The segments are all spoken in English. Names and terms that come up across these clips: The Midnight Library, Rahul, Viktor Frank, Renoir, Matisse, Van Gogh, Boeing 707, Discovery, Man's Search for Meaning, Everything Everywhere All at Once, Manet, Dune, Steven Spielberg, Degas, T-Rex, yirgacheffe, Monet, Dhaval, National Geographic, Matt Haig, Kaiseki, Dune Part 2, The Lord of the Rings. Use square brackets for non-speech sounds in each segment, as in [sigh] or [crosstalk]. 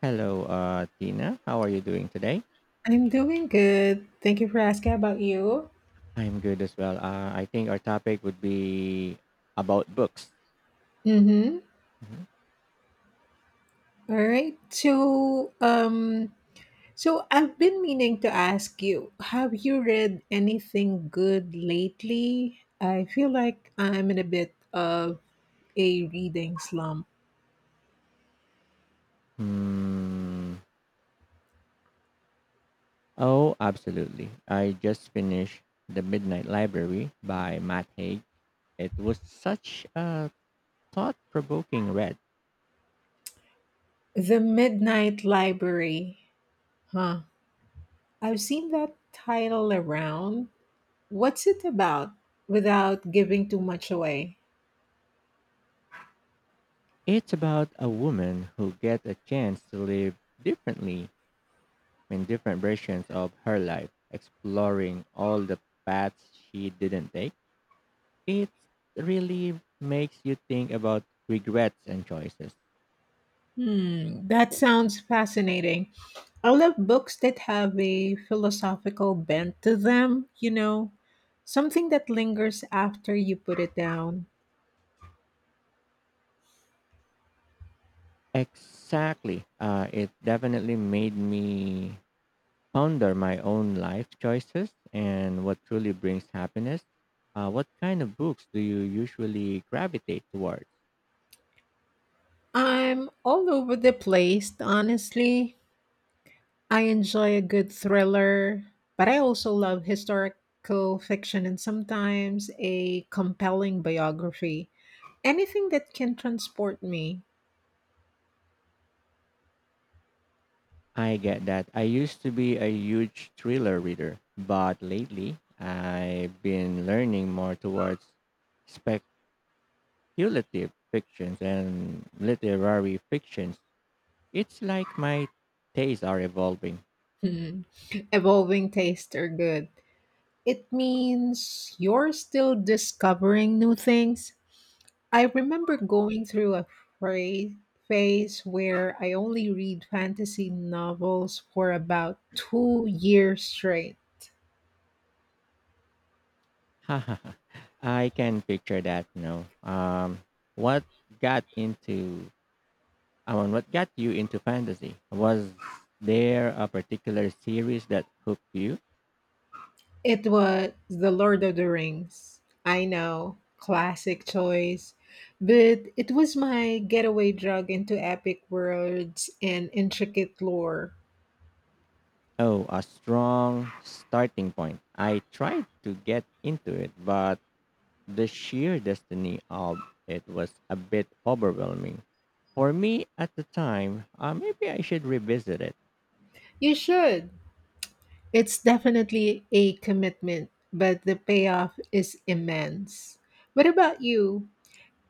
Hello, Tina. How are you doing today? I'm doing good. Thank you for asking about you. I'm good as well. I think our topic would be about books. Mm-hmm. Mhm. All right. So I've been meaning to ask you, have you read anything good lately? I feel like I'm in a bit of a reading slump. Hmm. Oh, absolutely. I just finished The Midnight Library by Matt Haig. It was such a thought provoking read. The Midnight Library. Huh. I've seen that title around. What's it about without giving too much away? It's about a woman who gets a chance to live differently in different versions of her life, exploring all the paths she didn't take. It really makes you think about regrets and choices. Hmm, that sounds fascinating. I love books that have a philosophical bent to them, something that lingers after you put it down. Exactly. It definitely made me ponder my own life choices and what truly brings happiness. What kind of books do you usually gravitate towards? I'm all over the place, honestly. I enjoy a good thriller, but I also love historical fiction and sometimes a compelling biography. Anything that can transport me. I get that. I used to be a huge thriller reader, but lately I've been learning more towards speculative fictions and literary fictions. It's like my tastes are evolving. Hmm. Evolving tastes are good. It means you're still discovering new things. I remember going through a phra- phase where I only read fantasy novels for about 2 years straight. [laughs] I can picture that now. What got into, I mean, what got you into fantasy? Was there a particular series that hooked you? It was The Lord of the Rings. I know, classic choice, but it was my getaway drug into epic worlds and intricate lore. Oh, a strong starting point. I tried to get into it, but the sheer destiny of it was a bit overwhelming. For me at the time, maybe I should revisit it. You should. It's definitely a commitment, but the payoff is immense. What about you?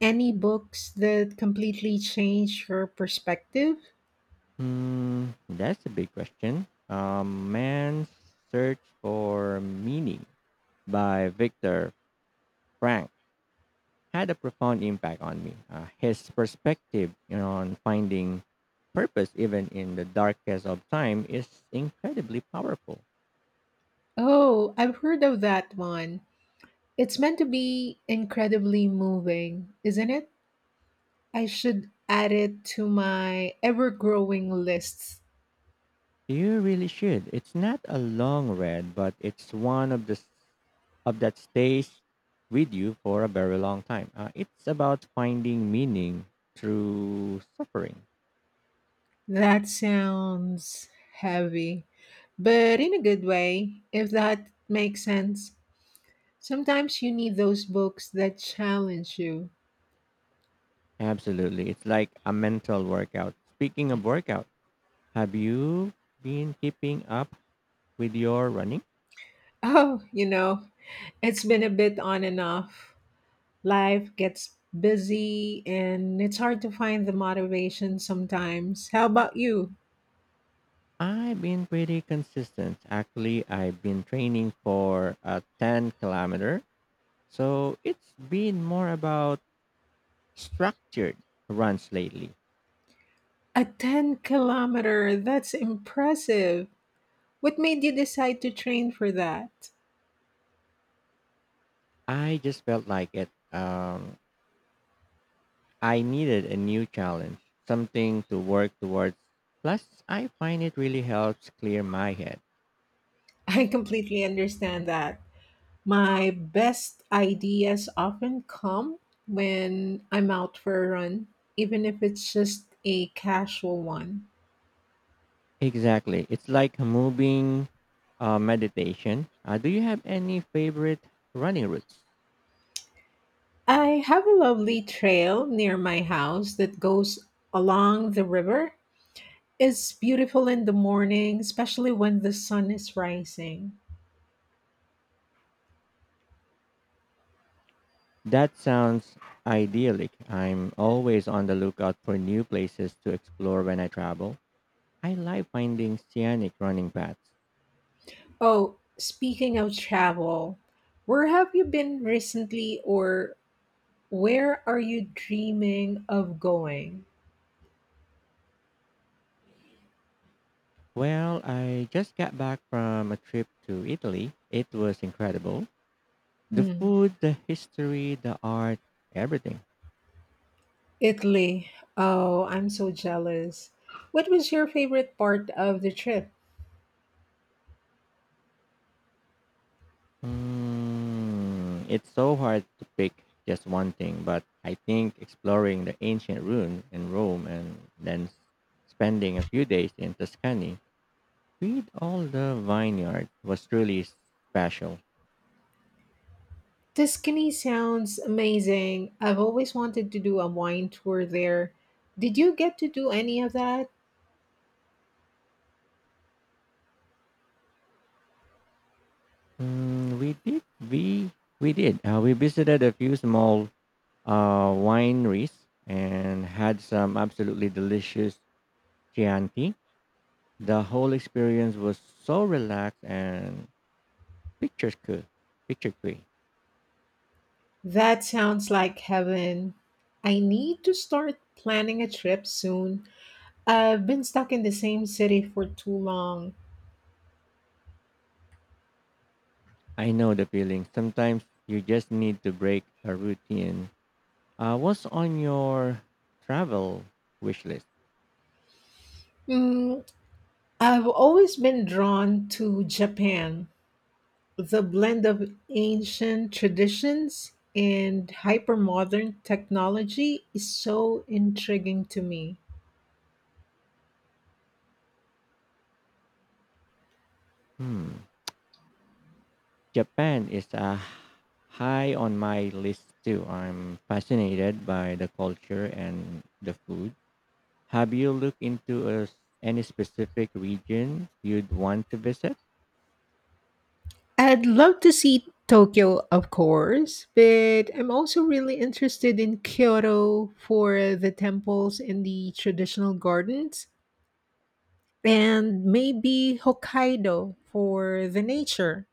Any books that completely changed your perspective? That's a big question. Man's Search for Meaning by Viktor Frank had a profound impact on me. His perspective on finding purpose, even in the darkest of time, is incredibly powerful. Oh, I've heard of that one. It's meant to be incredibly moving, isn't it? I should add it to my ever growing lists. You really should. It's not a long read, but it's one of the of that stays with you for a very long time. It's about finding meaning through suffering. That sounds heavy, but in a good way, if that makes sense. Sometimes you need those books that challenge you. Absolutely. It's like a mental workout. Speaking of workout, have you been keeping up with your running? Oh, it's been a bit on and off. Life gets busy and it's hard to find the motivation sometimes. How about you? I've been pretty consistent. Actually, I've been training for a 10 kilometer. So it's been more about structured runs lately. A 10-kilometer, that's impressive. What made you decide to train for that? I just felt like it. I needed a new challenge, something to work towards. Plus, I find it really helps clear my head. I completely understand that. My best ideas often come when I'm out for a run, even if it's just a casual one. Exactly. It's like moving meditation. Do you have any favorite running routes? I have a lovely trail near my house that goes along the river. It's beautiful in the morning, especially when the sun is rising. That sounds idyllic. I'm always on the lookout for new places to explore when I travel. I like finding scenic running paths. Oh, speaking of travel, where have you been recently or where are you dreaming of going? Well, I just got back from a trip to Italy. It was incredible. The Hmm. food, the history, the art, everything. Italy. Oh, I'm so jealous. What was your favorite part of the trip? It's so hard to pick just one thing, but I think exploring the ancient ruins in Rome and then spending a few days in Tuscany with all the vineyards was really special. Tuscany sounds amazing. I've always wanted to do a wine tour there. Did you get to do any of that? Mm, we did we we visited a few small wineries and had some absolutely delicious Chianti. The whole experience was so relaxed and picturesque. picturesque. That sounds like heaven. I need to start planning a trip soon. I've been stuck in the same city for too long. I know the feeling. Sometimes you just need to break a routine. What's on your travel wish list? Mm, I've always been drawn to Japan. The blend of ancient traditions and hypermodern technology is so intriguing to me. Hmm. Japan is high on my list too. I'm fascinated by the culture and the food. Have you looked into a s any specific region you'd want to visit? I'd love to see Tokyo, of course, but I'm also really interested in Kyoto for the temples and the traditional gardens, and maybe Hokkaido for the nature.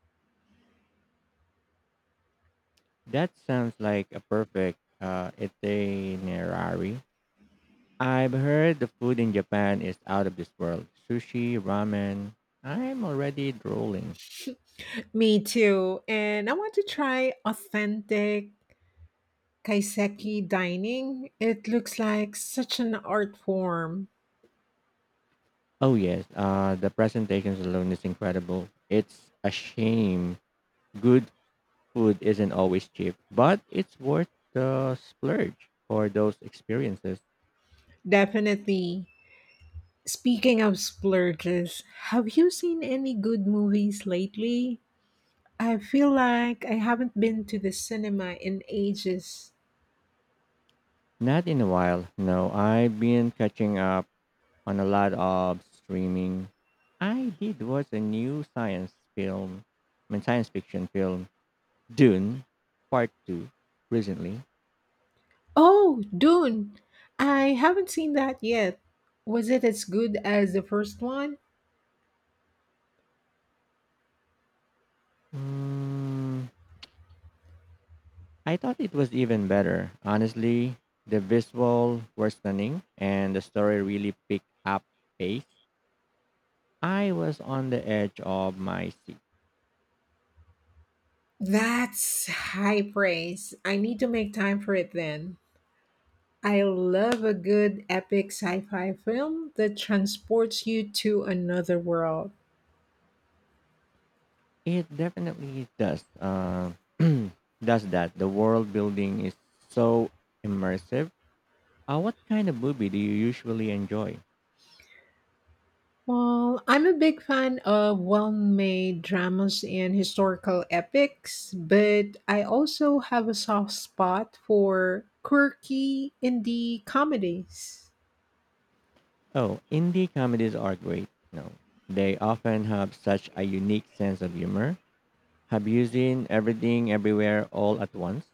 That sounds like a perfect itinerary. I've heard the food in Japan is out of this world. Sushi, ramen. I'm already drooling. Me too. And I want to try authentic Kaiseki dining, it looks like such an art form. Oh yes, the presentations alone is incredible. It's a shame good food isn't always cheap, but it's worth the splurge for those experiences. Definitely. Speaking of splurges, have you seen any good movies lately? I feel like I haven't been to the cinema in ages. Not in a while. No, I've been catching up on a lot of streaming. I did watch a new science film, I mean science fiction film Dune Part 2 recently. Oh, Dune! I haven't seen that yet. Was it as good as the first one? Mm, I thought it was even better. Honestly, the visual were stunning and the story really picked up pace. I was on the edge of my seat. That's high praise. I need to make time for it then. I love a good epic sci fi film that transports you to another world. It definitely does. [clears throat] Does that. The world building is so immersive. What kind of movie do you usually enjoy? Well, I'm a big fan of well made dramas and historical epics, but I also have a soft spot for quirky indie comedies. Oh, indie comedies are great. No, they often have such a unique sense of humor. Have you seen Everything Everywhere All at Once?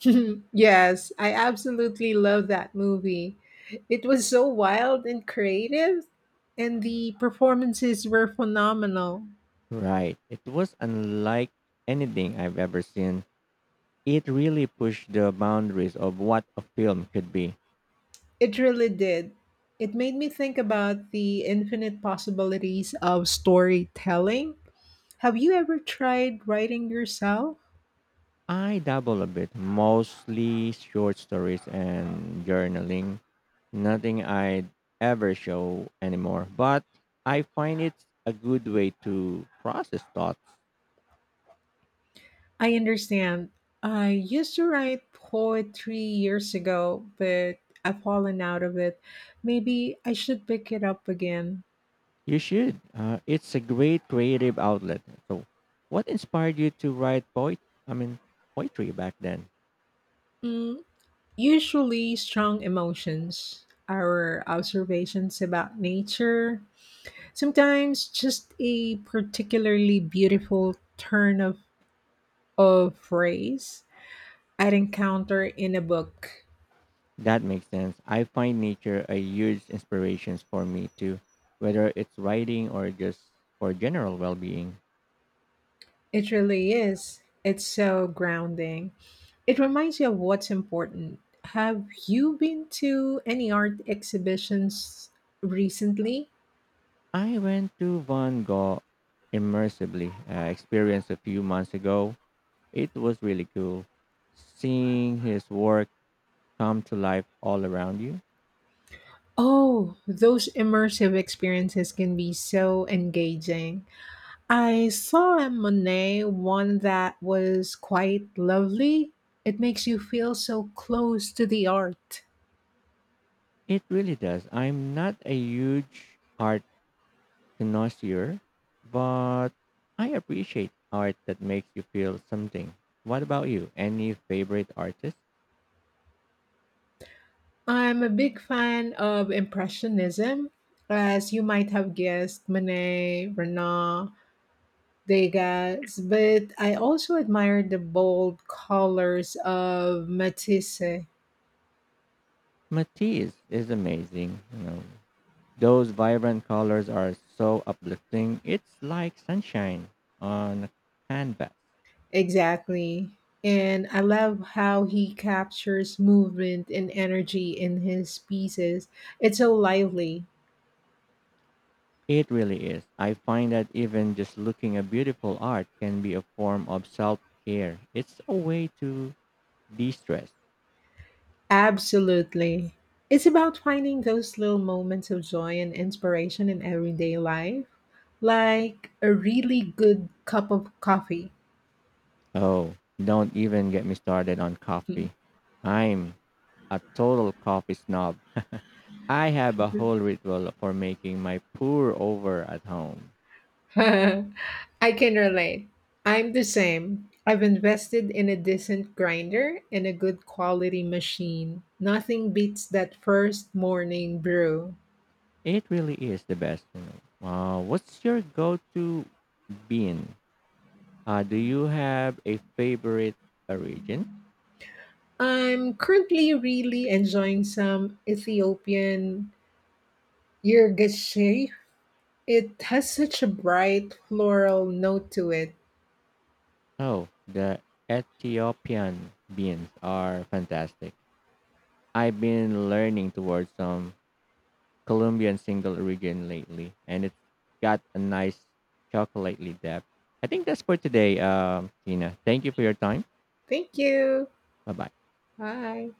[laughs] Yes, I absolutely love that movie. It was so wild and creative, and the performances were phenomenal. Right. It was unlike anything I've ever seen. It really pushed the boundaries of what a film could be. It really did. It made me think about the infinite possibilities of storytelling. Have you ever tried writing yourself? I dabble a bit, mostly short stories and journaling. Nothing I'd ever show anymore, but I find it's a good way to process thoughts. I understand. I used to write poetry years ago, but I've fallen out of it. Maybe I should pick it up again. You should. It's a great creative outlet. So, what inspired you to write poet? I mean, poetry back then? Mm, usually, strong emotions, our observations about nature, sometimes just a particularly beautiful turn of or phrase I'd encounter in a book. That makes sense. I find nature a huge inspiration for me too, whether it's writing or just for general well-being. It really is. It's so grounding. It reminds you of what's important. Have you been to any art exhibitions recently? I went to Van Gogh immersively experience a few months ago. It was really cool seeing his work come to life all around you. Oh, those immersive experiences can be so engaging. I saw a Monet one that was quite lovely. It makes you feel so close to the art. It really does. I'm not a huge art connoisseur, but I appreciate art that makes you feel something. What about you? Any favorite artists? I'm a big fan of Impressionism. As you might have guessed, Manet, Renoir, Degas, but I also admire the bold colors of Matisse. Matisse is amazing. Those vibrant colors are so uplifting. It's like sunshine on a canvas. Exactly. And I love how he captures movement and energy in his pieces. It's so lively. It really is. I find that even just looking at beautiful art can be a form of self care. It's a way to de stress. Absolutely. It's about finding those little moments of joy and inspiration in everyday life, like a really good cup of coffee. Oh, don't even get me started on coffee. [laughs] I'm a total coffee snob. [laughs] I have a whole ritual for making my pour over at home. I can relate. I'm the same. I've invested in a decent grinder and a good quality machine. Nothing beats that first morning brew. It really is the best. What's your go-to bean? Do you have a favorite origin? I'm currently really enjoying some Ethiopian yirgacheffe. It has such a bright floral note to it. Oh, the Ethiopian beans are fantastic. I've been learning towards some Colombian single origin lately, and it's got a nice chocolatey depth. I think that's for today, Tina. Thank you for your time. Thank you. Bye bye. Bye.